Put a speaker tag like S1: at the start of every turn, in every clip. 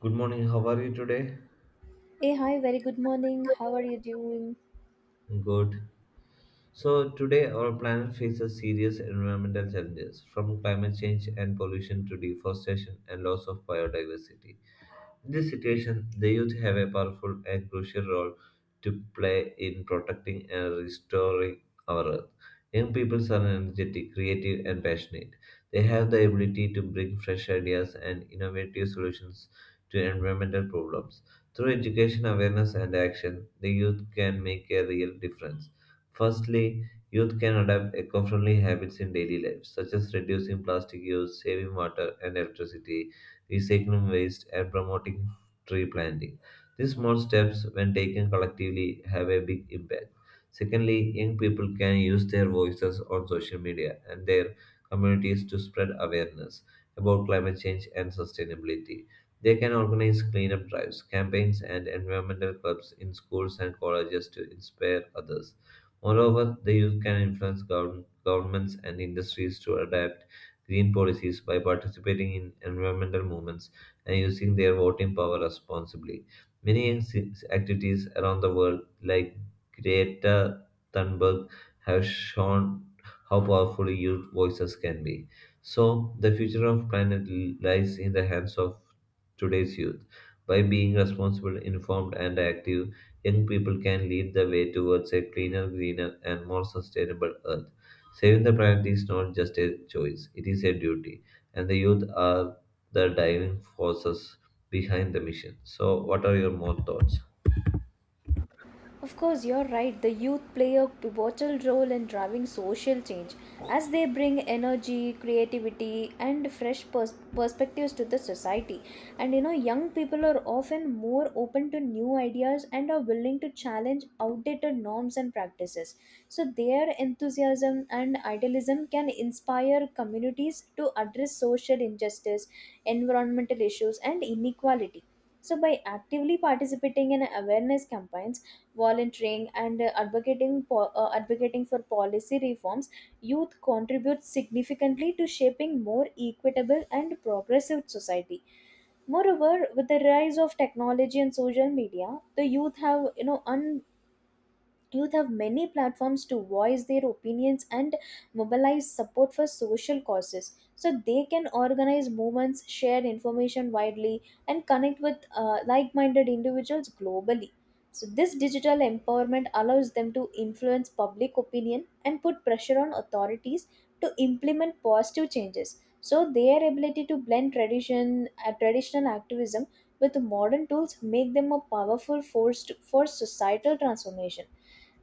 S1: Good morning, how are you today?
S2: Hey, hi, very good morning. How are you doing?
S1: Good. So, today our planet faces serious environmental challenges from climate change and pollution to deforestation and loss of biodiversity. In this situation, the youth have a powerful and crucial role to play in protecting and restoring our earth. Young people are energetic, creative, and passionate. They have the ability to bring fresh ideas and innovative solutions to environmental problems. Through education, awareness, and action, the youth can make a real difference. Firstly, youth can adopt eco friendly habits in daily life, such as reducing plastic use, saving water and electricity, recycling waste, and promoting tree planting. These small steps, when taken collectively, have a big impact. Secondly, young people can use their voices on social media and their communities to spread awareness about climate change and sustainability. They can organize cleanup drives, campaigns, and environmental clubs in schools and colleges to inspire others. Moreover, the youth can influence governments and industries to adapt green policies by participating in environmental movements and using their voting power responsibly. Many activities around the world, like Greta Thunberg, have shown how powerful youth voices can be. So, the future of planet lies in the hands of today's youth. By being responsible, informed, and active, young people can lead the way towards a cleaner, greener, and more sustainable Earth. Saving the planet is not just a choice, it is a duty, and the youth are the driving forces behind the mission. So, what are your more thoughts?
S2: Of course, you're right. The youth play a pivotal role in driving social change as they bring energy, creativity, and fresh perspectives to the society. And you know, young people are often more open to new ideas and are willing to challenge outdated norms and practices. So, their enthusiasm and idealism can inspire communities to address social injustice, environmental issues, and inequality. So, by actively participating in awareness campaigns, volunteering and advocating advocating for policy reforms, youth contributes significantly to shaping more equitable and progressive society. Moreover, with the rise of technology and social media, the youth have youth have many platforms to voice their opinions and mobilize support for social causes. So they can organize movements, share information widely, and connect with like minded individuals globally. So, this digital empowerment allows them to influence public opinion and put pressure on authorities to implement positive changes. So, their ability to blend traditional activism with modern tools make them a powerful force for societal transformation.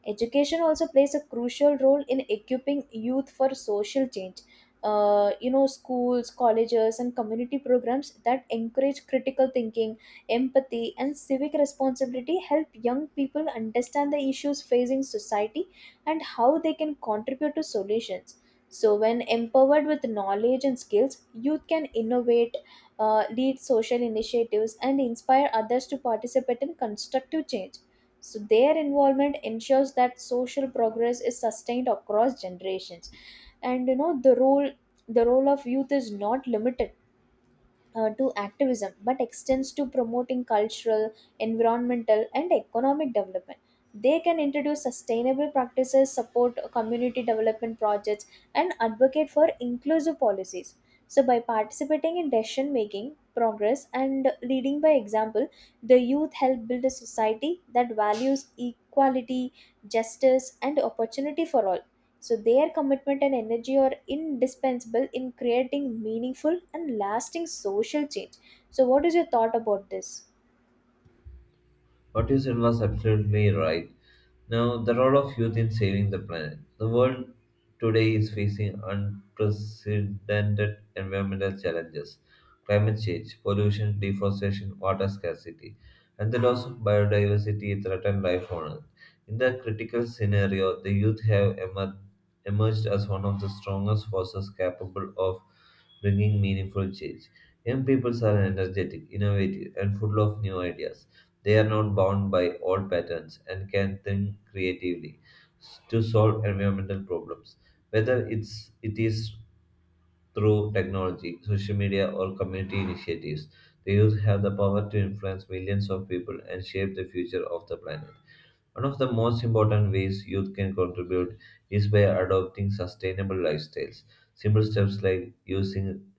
S2: Education also plays a crucial role in equipping youth for social change. Schools, colleges, and community programs that encourage critical thinking, empathy, and civic responsibility help young people understand the issues facing society and how they can contribute to solutions. So, when empowered with knowledge and skills, youth can innovate, lead social initiatives, and inspire others to participate in constructive change. So their involvement ensures that social progress is sustained across generations. And you know the role of youth is not limited to activism but extends to promoting cultural, environmental, and economic development. They can introduce sustainable practices, support community development projects, and advocate for inclusive policies. So, by participating in decision making, progress, and leading by example, the youth help build a society that values equality, justice, and opportunity for all. So, their commitment and energy are indispensable in creating meaningful and lasting social change. So, what is your thought about this?
S1: What you said was absolutely right. Now, the role of youth in saving the planet. The world today is facing unprecedented environmental challenges climate change, pollution, deforestation, water scarcity, and the loss of biodiversity threaten life on Earth. In that critical scenario, the youth have emerged as one of the strongest forces capable of bringing meaningful change. Young people are energetic, innovative, and full of new ideas they are not bound by old patterns and can think creatively to solve environmental problems. Whether it is through technology, social media, or community initiatives, the youth have the power to influence millions of people and shape the future of the planet. One of the most important ways youth can contribute is by adopting sustainable lifestyles. Simple steps like using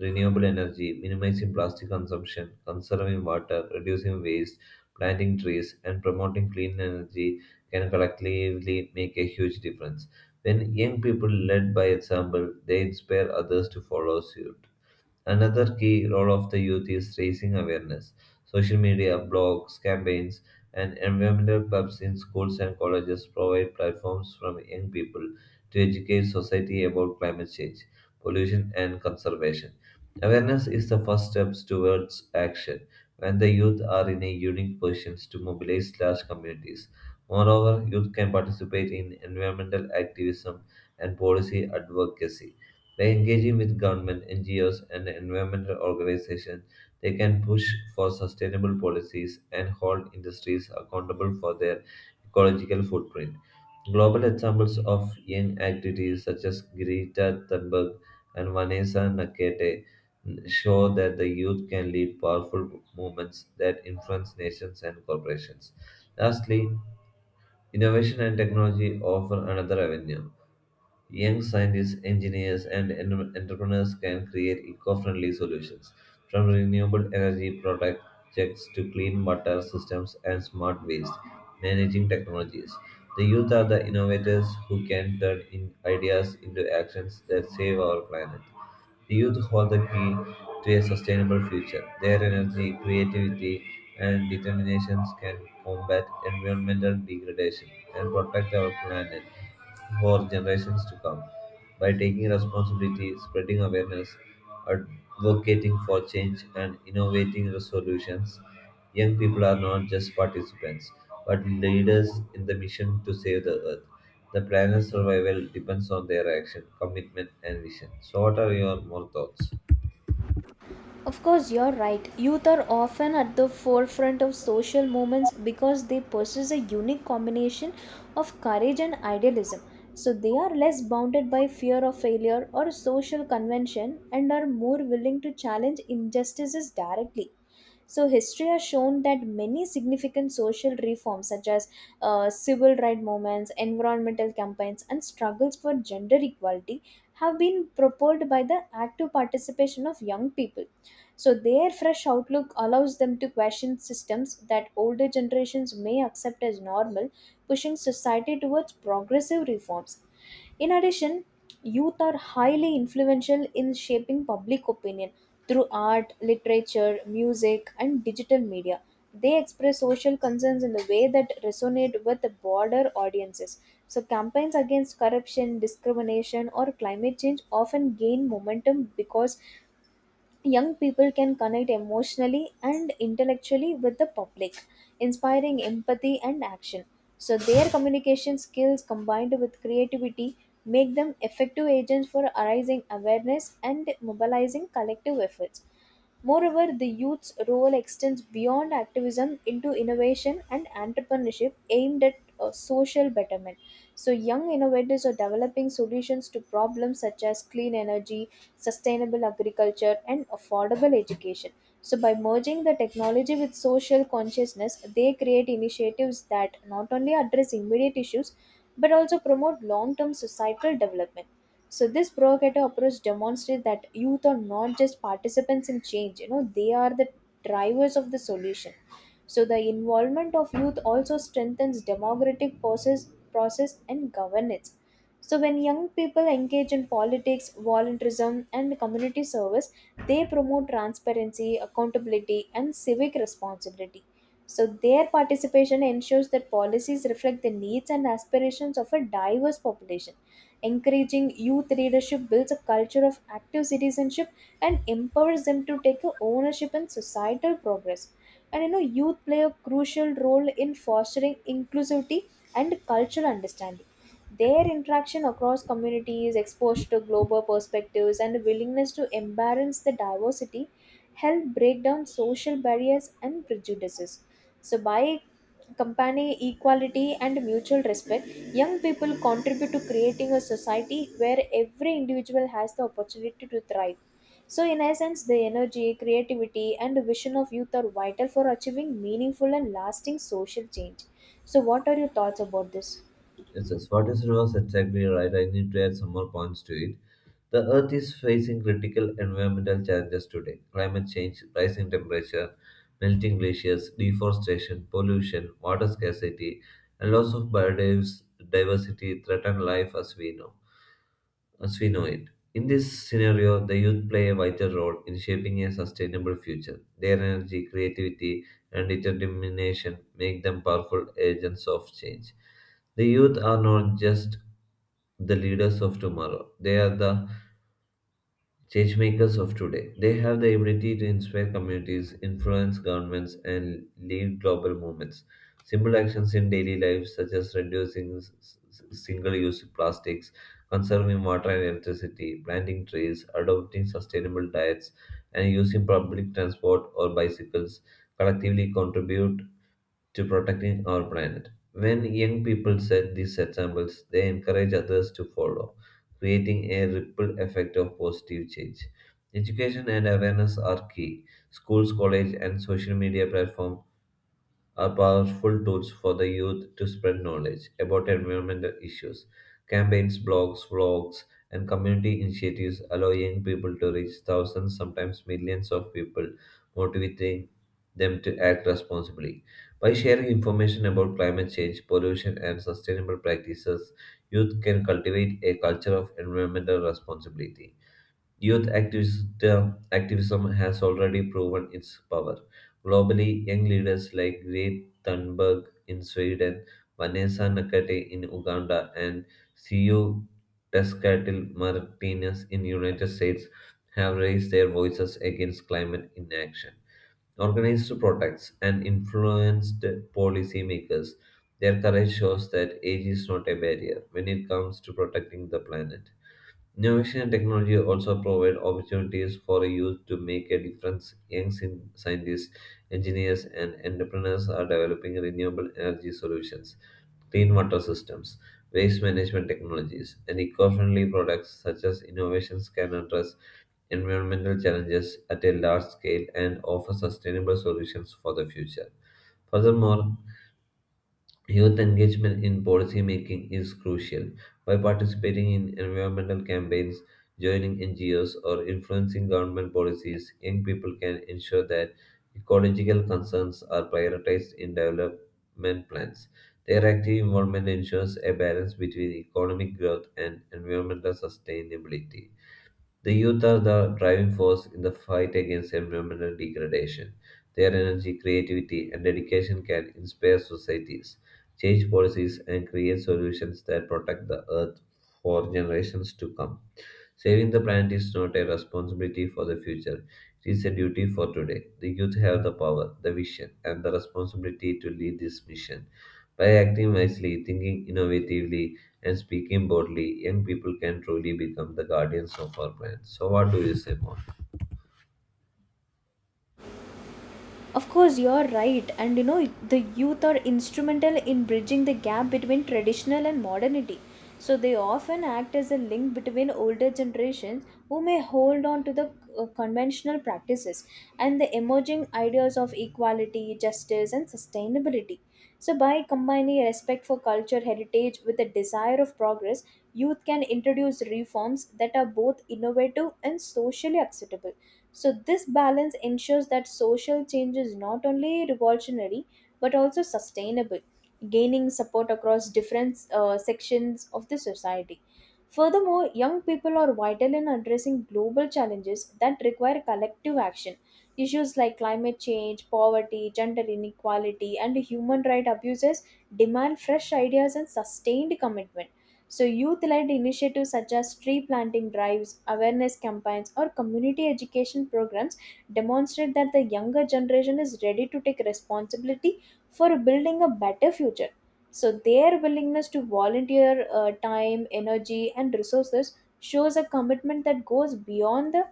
S1: renewable energy, minimizing plastic consumption, conserving water, reducing waste, planting trees, and promoting clean energy can collectively make a huge difference. When young people lead by example, they inspire others to follow suit. Another key role of the youth is raising awareness. Social media, blogs, campaigns, and environmental clubs in schools and colleges provide platforms from young people to educate society about climate change, pollution, and conservation. Awareness is the first steps towards action when the youth are in a unique position to mobilize large communities. Moreover, youth can participate in environmental activism and policy advocacy by engaging with government, NGOs, and environmental organizations, they can push for sustainable policies and hold industries accountable for their ecological footprint. Global examples of young activities such as Greta Thunberg and Vanessa Nakate show that the youth can lead powerful movements that influence nations and corporations. Lastly, innovation and technology offer another avenue. Young scientists, engineers, and entrepreneurs can create eco friendly solutions from renewable energy projects to clean water systems and smart waste managing technologies. The youth are the innovators who can turn in ideas into actions that save our planet. The youth hold the key to a sustainable future. Their energy, creativity, and determinations can combat environmental degradation and protect our planet for generations to come. By taking responsibility, spreading awareness, advocating for change, and innovating the solutions, young people are not just participants but leaders in the mission to save the earth. The planet's survival depends on their action, commitment, and vision. So, what are your more thoughts?
S2: Of course, you're right. Youth are often at the forefront of social movements because they possess a unique combination of courage and idealism. So, they are less bounded by fear of failure or social convention and are more willing to challenge injustices directly. So, history has shown that many significant social reforms, such as civil rights movements, environmental campaigns, and struggles for gender equality, have been propelled by the active participation of young people. So, their fresh outlook allows them to question systems that older generations may accept as normal, pushing society towards progressive reforms. In addition, youth are highly influential in shaping public opinion through art, literature, music, and digital media. They express social concerns in the way that resonate with broader audiences. So, campaigns against corruption, discrimination, or climate change often gain momentum because young people can connect emotionally and intellectually with the public, inspiring empathy and action. So, their communication skills combined with creativity make them effective agents for arising awareness and mobilizing collective efforts. Moreover, the youth's role extends beyond activism into innovation and entrepreneurship aimed at social betterment. So, young innovators are developing solutions to problems such as clean energy, sustainable agriculture, and affordable education. So, by merging the technology with social consciousness, they create initiatives that not only address immediate issues but also promote long term societal development. So this provocative approach demonstrates that youth are not just participants in change, you know, they are the drivers of the solution. So the involvement of youth also strengthens process and governance. So when young people engage in politics, volunteerism and community service, they promote transparency, accountability and civic responsibility. So their participation ensures that policies reflect the needs and aspirations of a diverse population. Encouraging youth leadership builds a culture of active citizenship and empowers them to take a ownership in societal progress. And you know, youth play a crucial role in fostering inclusivity and cultural understanding. Their interaction across communities, exposure to global perspectives, and willingness to embrace the diversity help break down social barriers and prejudices. So, by combining equality and mutual respect, young people contribute to creating a society where every individual has the opportunity to thrive. So, in essence, the energy, creativity, and vision of youth are vital for achieving meaningful and lasting social change. So, what are your thoughts about this?
S1: Yes, yes, what is reverse? Exactly right. I need to add some more points to it. The Earth is facing critical environmental challenges today climate change, rising temperature, melting glaciers, deforestation, pollution, water scarcity, and loss of biodiversity threaten life as we know it. In this scenario, the youth play a vital role in shaping a sustainable future. Their energy, creativity, and determination make them powerful agents of change. The youth are not just the leaders of tomorrow, they are the change makers of today. They have the ability to inspire communities, influence governments, and lead global movements. Simple actions in daily life, such as reducing single use plastics, conserving water and electricity, planting trees, adopting sustainable diets, and using public transport or bicycles, collectively contribute to protecting our planet. When young people set these examples, they encourage others to follow, creating a ripple effect of positive change. Education and awareness are key. Schools, college, and social media platforms are powerful tools for the youth to spread knowledge about environmental issues. Campaigns, blogs, vlogs, and community initiatives allow young people to reach thousands, sometimes millions of people, motivating them to act responsibly. By sharing information about climate change, pollution, and sustainable practices, youth can cultivate a culture of environmental responsibility. Youth activism has already proven its power. Globally, young leaders like Greta Thunberg in Sweden, Vanessa Nakate in Uganda, and Ciu Tescatil Martinez in United States have raised their voices against climate inaction. Organized protests and influenced policymakers, their courage shows that age is not a barrier when it comes to protecting the planet. Innovation and technology also provide opportunities for youth to make a difference. Young scientists, engineers, and entrepreneurs are developing renewable energy solutions, clean water systems, waste management technologies, and eco friendly products such as innovations can address environmental challenges at a large scale and offer sustainable solutions for the future. Furthermore, youth engagement in policy making is crucial. By participating in environmental campaigns, joining NGOs, or influencing government policies, young people can ensure that ecological concerns are prioritized in development plans. Their active involvement ensures a balance between economic growth and environmental sustainability. The youth are the driving force in the fight against environmental degradation. Their energy, creativity, and dedication can inspire societies, change policies, and create solutions that protect the earth for generations to come. Saving the planet is not a responsibility for the future, it is a duty for today. The youth have the power, the vision, and the responsibility to lead this mission. By acting wisely, thinking innovatively, and speaking boldly, young people can truly become the guardians of our planet. So, what do you say more?
S2: Of course, you're right. And you know, the youth are instrumental in bridging the gap between traditional and modernity. So they often act as a link between older generations who may hold on to the conventional practices and the emerging ideas of equality, justice, and sustainability. So, by combining respect for culture heritage with a desire of progress, youth can introduce reforms that are both innovative and socially acceptable. So, this balance ensures that social change is not only revolutionary but also sustainable, gaining support across different sections of the society. Furthermore, young people are vital in addressing global challenges that require collective action. Issues like climate change, poverty, gender inequality, and human rights abuses demand fresh ideas and sustained commitment. So, youth led initiatives such as tree planting drives, awareness campaigns, or community education programs demonstrate that the younger generation is ready to take responsibility for building a better future. So, their willingness to volunteer time, energy, and resources shows a commitment that goes beyond the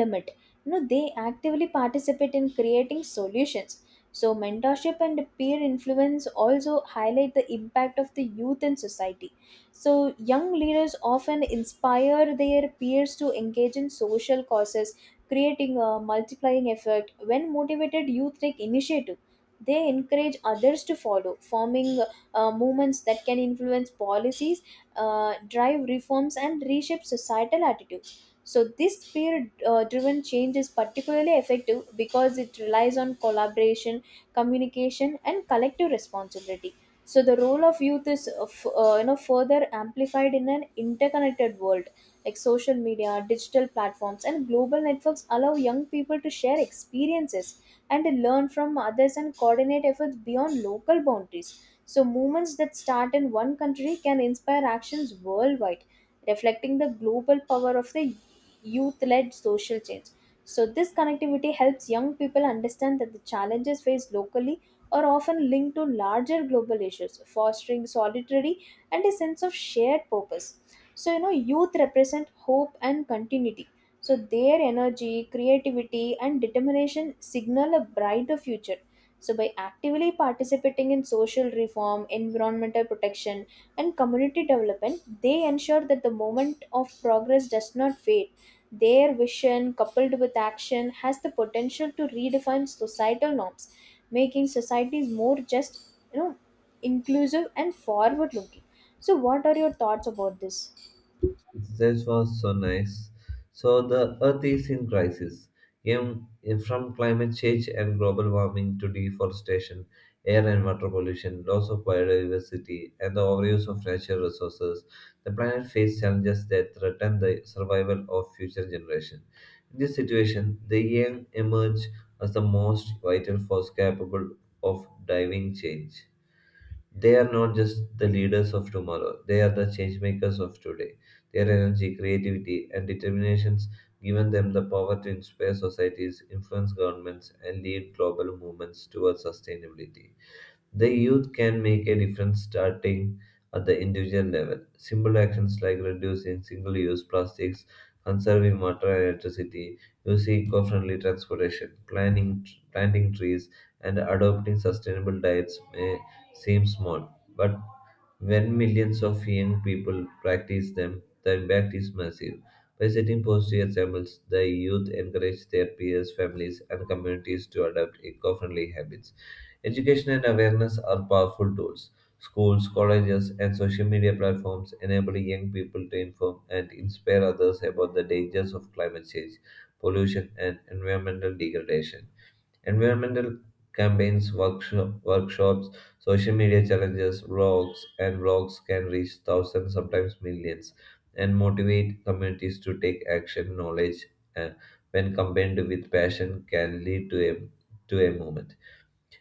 S2: limit. You know, they actively participate in creating solutions. So mentorship and peer influence also highlight the impact of the youth in society. So young leaders often inspire their peers to engage in social causes, creating a multiplying effect. When motivated youth take initiative, they encourage others to follow, forming movements that can influence policies, drive reforms and reshape societal attitude. So, this peer driven change is particularly effective because it relies on collaboration, communication, and collective responsibility. So, the role of youth is further amplified in an interconnected world. Like social media, digital platforms, and global networks allow young people to share experiences and to learn from others and coordinate efforts beyond local boundaries. So, movements that start in one country can inspire actions worldwide, reflecting the global power of the youth led social change. So, this connectivity helps young people understand that the challenges faced locally are often linked to larger global issues, fostering solidarity and a sense of shared purpose. So, you know, youth represent hope and continuity. So, their energy, creativity, and determination signal a brighter future. So, by actively participating in social reform, environmental protection, and community development, they ensure that the moment of progress does not fade. Their vision, coupled with action, has the potential to redefine societal norms, making societies more just, you know, inclusive and forward looking. So, what are your thoughts about this?
S1: That was so nice. So the Earth is in crisis. From climate change and global warming to deforestation, air and water pollution, loss of biodiversity, and the overuse of natural resources, the planet faces challenges that threaten the survival of future generations. In this situation, the young emerge as the most vital force capable of driving change. They are not just the leaders of tomorrow, they are the change makers of today. Their energy, creativity, and determinations given them the power to inspire societies, influence governments, and lead global movements towards sustainability. The youth can make a difference starting at the individual level. Simple actions like reducing single use plastics, conserving water and electricity, using eco friendly transportation, planting trees, and adopting sustainable diets may seem small, but when millions of young people practice them, the impact is massive. By setting positive examples, the youth encourage their peers, families, and communities to adopt eco friendly habits. Education and awareness are powerful tools. Schools, colleges, and social media platforms enable young people to inform and inspire others about the dangers of climate change, pollution, and environmental degradation. Environmental campaigns, workshops, social media challenges, and blogs can reach thousands, sometimes millions, and motivate communities to take action. Knowledge, uh, when combined with passion, can lead to a movement.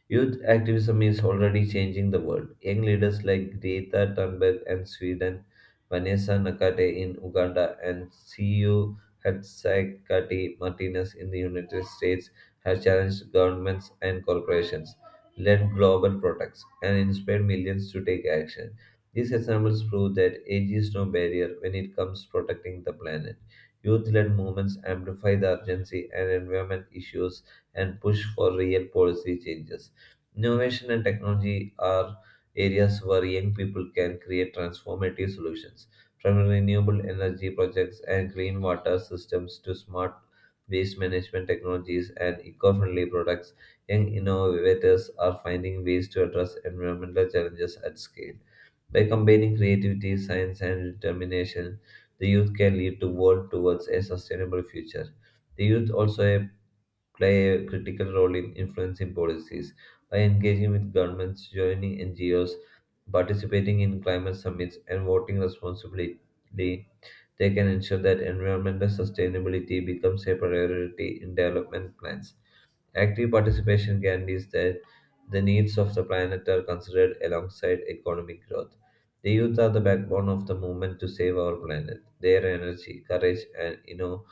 S1: Youth activism is already changing the world. Young leaders like Greta Thunberg in Sweden, Vanessa Nakate in Uganda, and CU Hatsakati Martinez in the United States have challenged governments and corporations, led global protests, and inspired millions to take action. These examples prove that age is no barrier when it comes to protecting the planet. Youth-led movements amplify the urgency and environment issues and push for real policy changes. Innovation and technology are areas where young people can create transformative solutions, from renewable energy projects and clean water systems to smart waste management technologies and eco friendly products. Young innovators are finding ways to address environmental challenges at scale. By combining creativity, science, and determination, the youth can lead the world towards a sustainable future. The youth also play a critical role in influencing policies by engaging with governments, joining NGOs, participating in climate summits, and voting responsibly. They can ensure that environmental sustainability becomes a priority in development plans. Active participation guarantees that the needs of the planet are considered alongside economic growth. The youth are the backbone of the movement to save our planet. Their energy, courage, and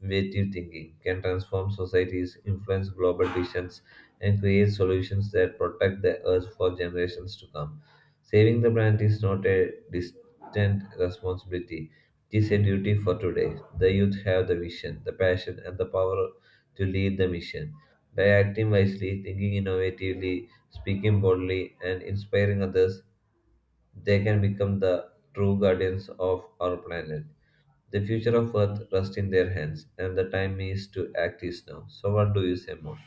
S1: innovative thinking can transform societies, influence global decisions, and create solutions that protect the Earth for generations to come. Saving the planet is not a distant responsibility, it is a duty for today. The youth have the vision, the passion, and the power to lead the mission. By acting wisely, thinking innovatively, speaking boldly, and inspiring others, they can become the true guardians of our planet. The future of Earth rests in their hands, and the time is to act is now. So, what do you say more?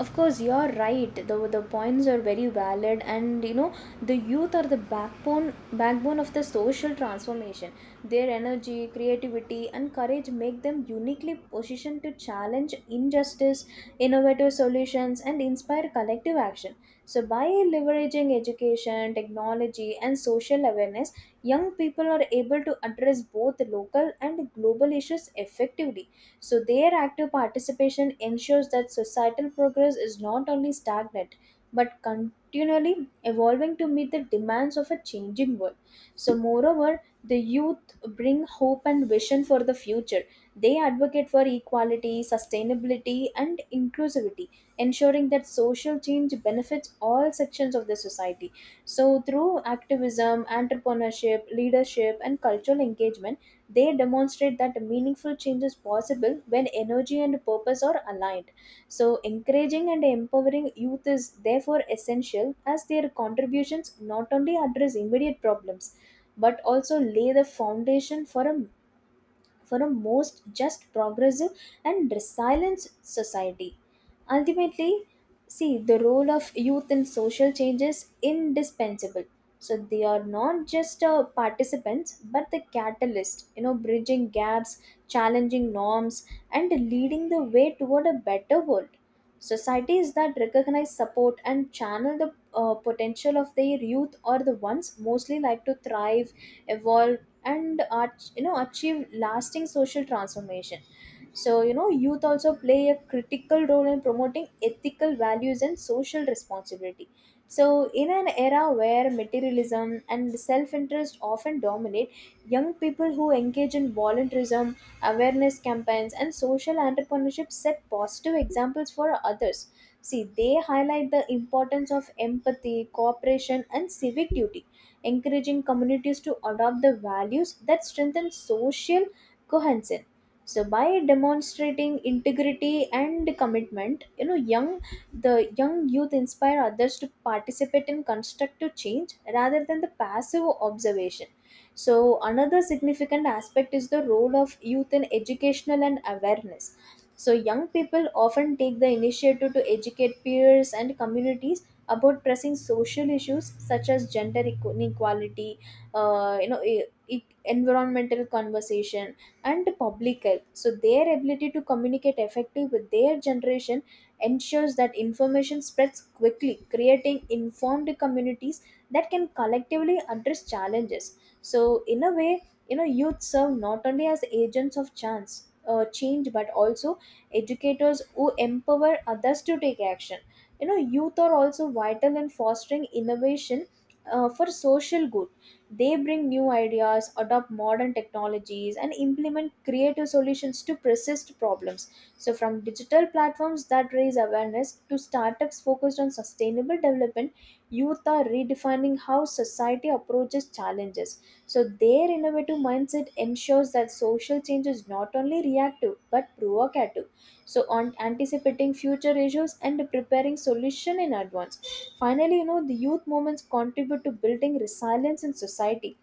S2: Of course, you're right. The points are very valid, and you know the youth are the backbone of the social transformation. Their energy, creativity, and courage make them uniquely positioned to challenge injustice, innovative solutions, and inspire collective action. So, by leveraging education, technology, and social awareness, young people are able to address both local and global issues effectively. So, their active participation ensures that societal progress is not only stagnant but continually evolving to meet the demands of a changing world. So, moreover, the youth bring hope and vision for the future. They advocate for equality, sustainability, and inclusivity, ensuring that social change benefits all sections of the society. So, through activism, entrepreneurship, leadership, and cultural engagement, they demonstrate that meaningful change is possible when energy and purpose are aligned. So, encouraging and empowering youth is therefore essential as their contributions not only address immediate problems but also lay the foundation for a most just, progressive, and resilient society. Ultimately, see the role of youth in social change is indispensable. So they are not just participants but the catalyst, you know, bridging gaps, challenging norms, and leading the way toward a better world. Societies that recognize, support, and channel the potential of their youth are the ones mostly like to thrive, evolve, and achieve lasting social transformation. So you know, youth also play a critical role in promoting ethical values and social responsibility. So, in an era where materialism and self interest often dominate, young people who engage in volunteerism, awareness campaigns, and social entrepreneurship set positive examples for others. See, they highlight the importance of empathy, cooperation, and civic duty, encouraging communities to adopt the values that strengthen social cohesion. So, by demonstrating integrity and commitment, you know, young the young youth inspire others to participate in constructive change rather than the passive observation. So, another significant aspect is the role of youth in educational and awareness. So, young people often take the initiative to educate peers and communities about pressing social issues such as inequality, environmental conversation, and public health. So, their ability to communicate effectively with their generation ensures that information spreads quickly, creating informed communities that can collectively address challenges. So in a way, you know, youth serve not only as agents of chance change but also educators who empower others to take action. You know, youth are also vital in fostering innovation for social good. They bring new ideas, adopt modern technologies, and implement creative solutions to persist problems. So from digital platforms that raise awareness to startups focused on sustainable development, youth are redefining how society approaches challenges. So, their innovative mindset ensures that social change is not only reactive but provocative. So, on anticipating future issues and preparing solution in advance. Finally, you know, the youth movements contribute to building resilience in society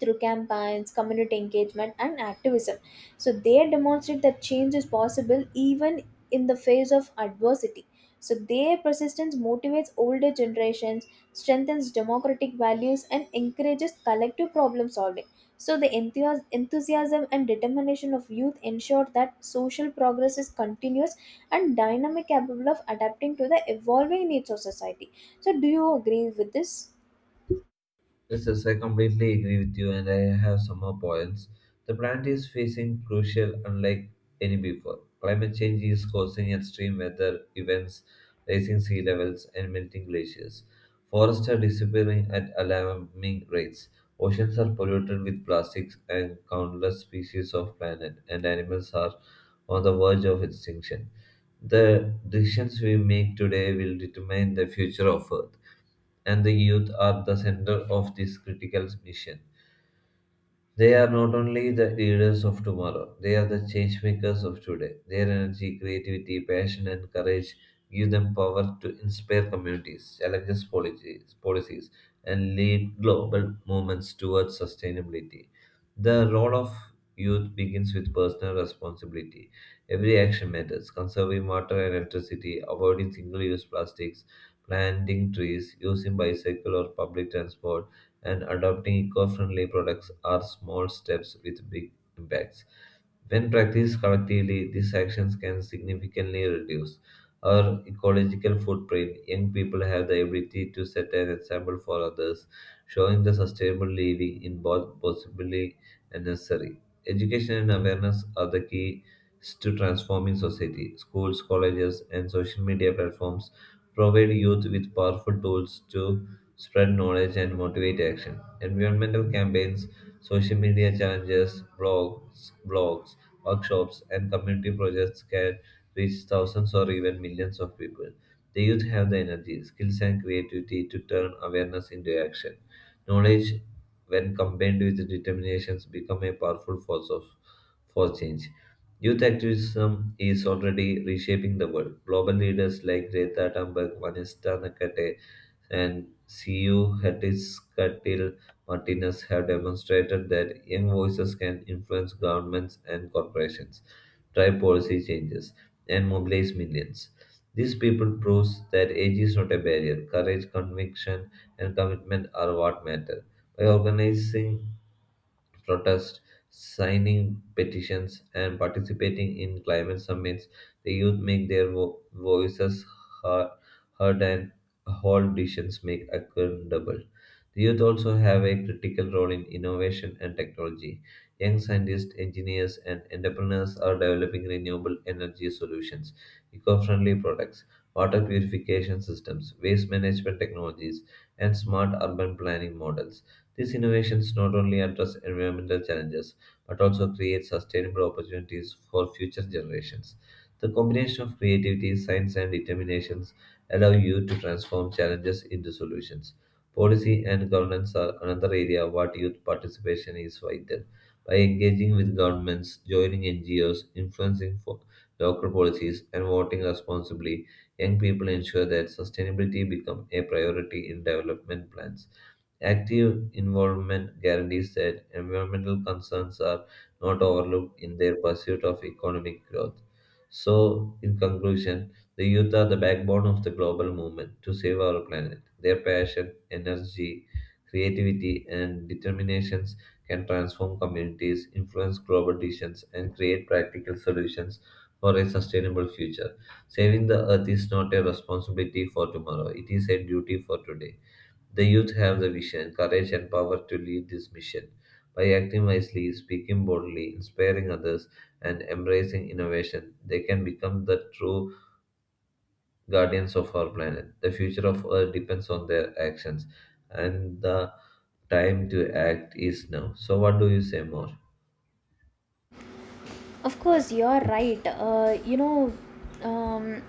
S2: through campaigns, community engagement, and activism. So they demonstrate that change is possible even in the face of adversity. So their persistence motivates older generations, strengthens democratic values, and encourages collective problem solving. So the enthusiasm and determination of youth ensure that social progress is continuous and dynamic, capable of adapting to the evolving needs of society. So do you agree with this?
S1: Yes, I completely agree with you, and I have some more points. The planet is facing crucial, unlike any before. Climate change is causing extreme weather events, rising sea levels, and melting glaciers. Forests are disappearing at alarming rates. Oceans are polluted with plastics, and countless species of planet and animals are on the verge of extinction. The decisions we make today will determine the future of Earth and the youth are the center of this critical mission. They are not only the leaders of tomorrow, they are the change makers of today. Their energy, creativity, passion, and courage give them power to inspire communities, challenge policies, and lead global movements towards sustainability. The role of youth begins with personal responsibility. Every action matters conserving water and electricity, avoiding single use plastics, planting trees, using bicycle or public transport and adopting eco friendly products are small steps with big impacts. When practiced collectively, these actions can significantly reduce our ecological footprint. Young people have the ability to set an example for others, showing the sustainable living in both possibly and necessary. Education and awareness are the keys to transforming society. Schools, colleges, and social media platforms provide youth with powerful tools to spread knowledge, and motivate action. Environmental campaigns, social media challenges, blogs, workshops, and community projects can reach thousands or even millions of people. The youth have the energy, skills, and creativity to turn awareness into action. Knowledge, when combined with determinations, become a powerful for change. Youth activism is already reshaping the world. Global leaders like Greta Thunberg, Vanessa Nakate, and CU Hertzkatil Martinez have demonstrated that young voices can influence governments and corporations, drive policy changes, and mobilize millions. These people proves that age is not a barrier. Courage, conviction, and commitment are what matter. By organizing protest, signing petitions, and participating in climate summits, the youth make their voices heard, and hold decisions made accountable. The youth also have a critical role in innovation and technology. Young scientists, engineers, and entrepreneurs are developing renewable energy solutions, eco friendly products, water purification systems, waste management technologies, and smart urban planning models. These innovations not only address environmental challenges but also create sustainable opportunities for future generations. The combination of creativity, science, and determinations allow you to transform challenges into solutions. Policy and governance are another area where youth participation is vital. By engaging with governments, joining NGOs, influencing local policies, and voting responsibly, young people ensure that sustainability becomes a priority in development plans. Active involvement guarantees that environmental concerns are not overlooked in their pursuit of economic growth. So, in conclusion, the youth are the backbone of the global movement to save our planet. Their passion, energy, creativity, and determinations can transform communities, influence global decisions, and create practical solutions for a sustainable future. Saving the earth is not a responsibility for tomorrow, it is a duty for today. The youth have the vision, courage, and power to lead this mission. By acting wisely, speaking boldly, inspiring others, and embracing innovation, they can become the true guardians of our planet. The future of Earth depends on their actions, and the time to act is now. So, what do you say more?
S2: Of course, you're right. Um,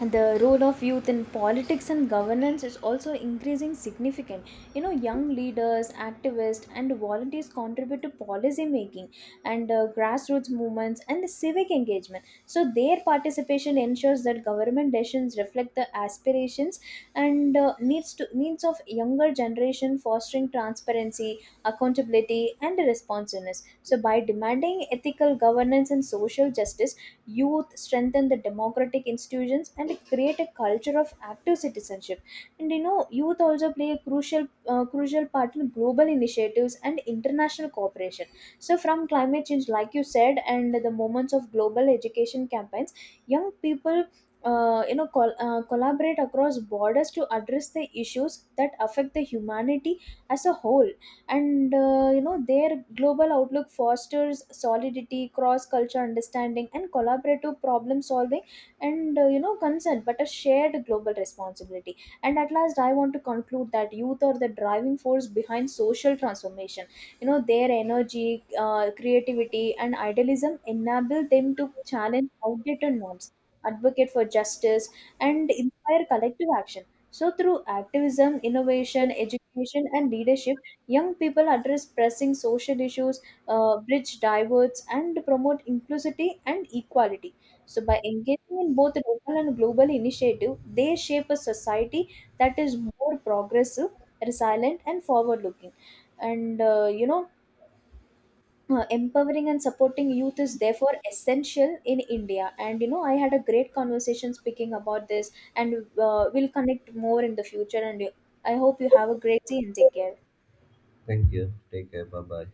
S2: the role of youth in politics and governance is also increasing significant. You know, young leaders, activists and volunteers contribute to policy making and grassroots movements and civic engagement. So their participation ensures that government decisions reflect the aspirations and needs of younger generation, fostering transparency, accountability and responsiveness. So by demanding ethical governance and social justice, youth strengthen the democratic institutions, and create a culture of active citizenship. And you know, youth also play a crucial part in global initiatives and international cooperation. So, from climate change, like you said, and the moments of global education campaigns, young people. Collaborate across borders to address the issues that affect the humanity as a whole. And you know, their global outlook fosters solidity, cross culture understanding and collaborative problem solving, and you know, consent but a shared global responsibility. And at last I want to conclude that youth are the driving force behind social transformation. You know, their energy, creativity and idealism enable them to challenge outdated norms, advocate for justice, and inspire collective action. So through activism, innovation, education and leadership, young people address pressing social issues, bridge divorce, and promote inclusivity and equality. So, by engaging in both local and global initiative, they shape a society that is more progressive, resilient, and forward-looking. And empowering and supporting youth is therefore essential in India. And you know, I had a great conversation speaking about this, and we'll connect more in the future. And I hope you have a great day and take care.
S1: Thank you. Take care. Bye bye.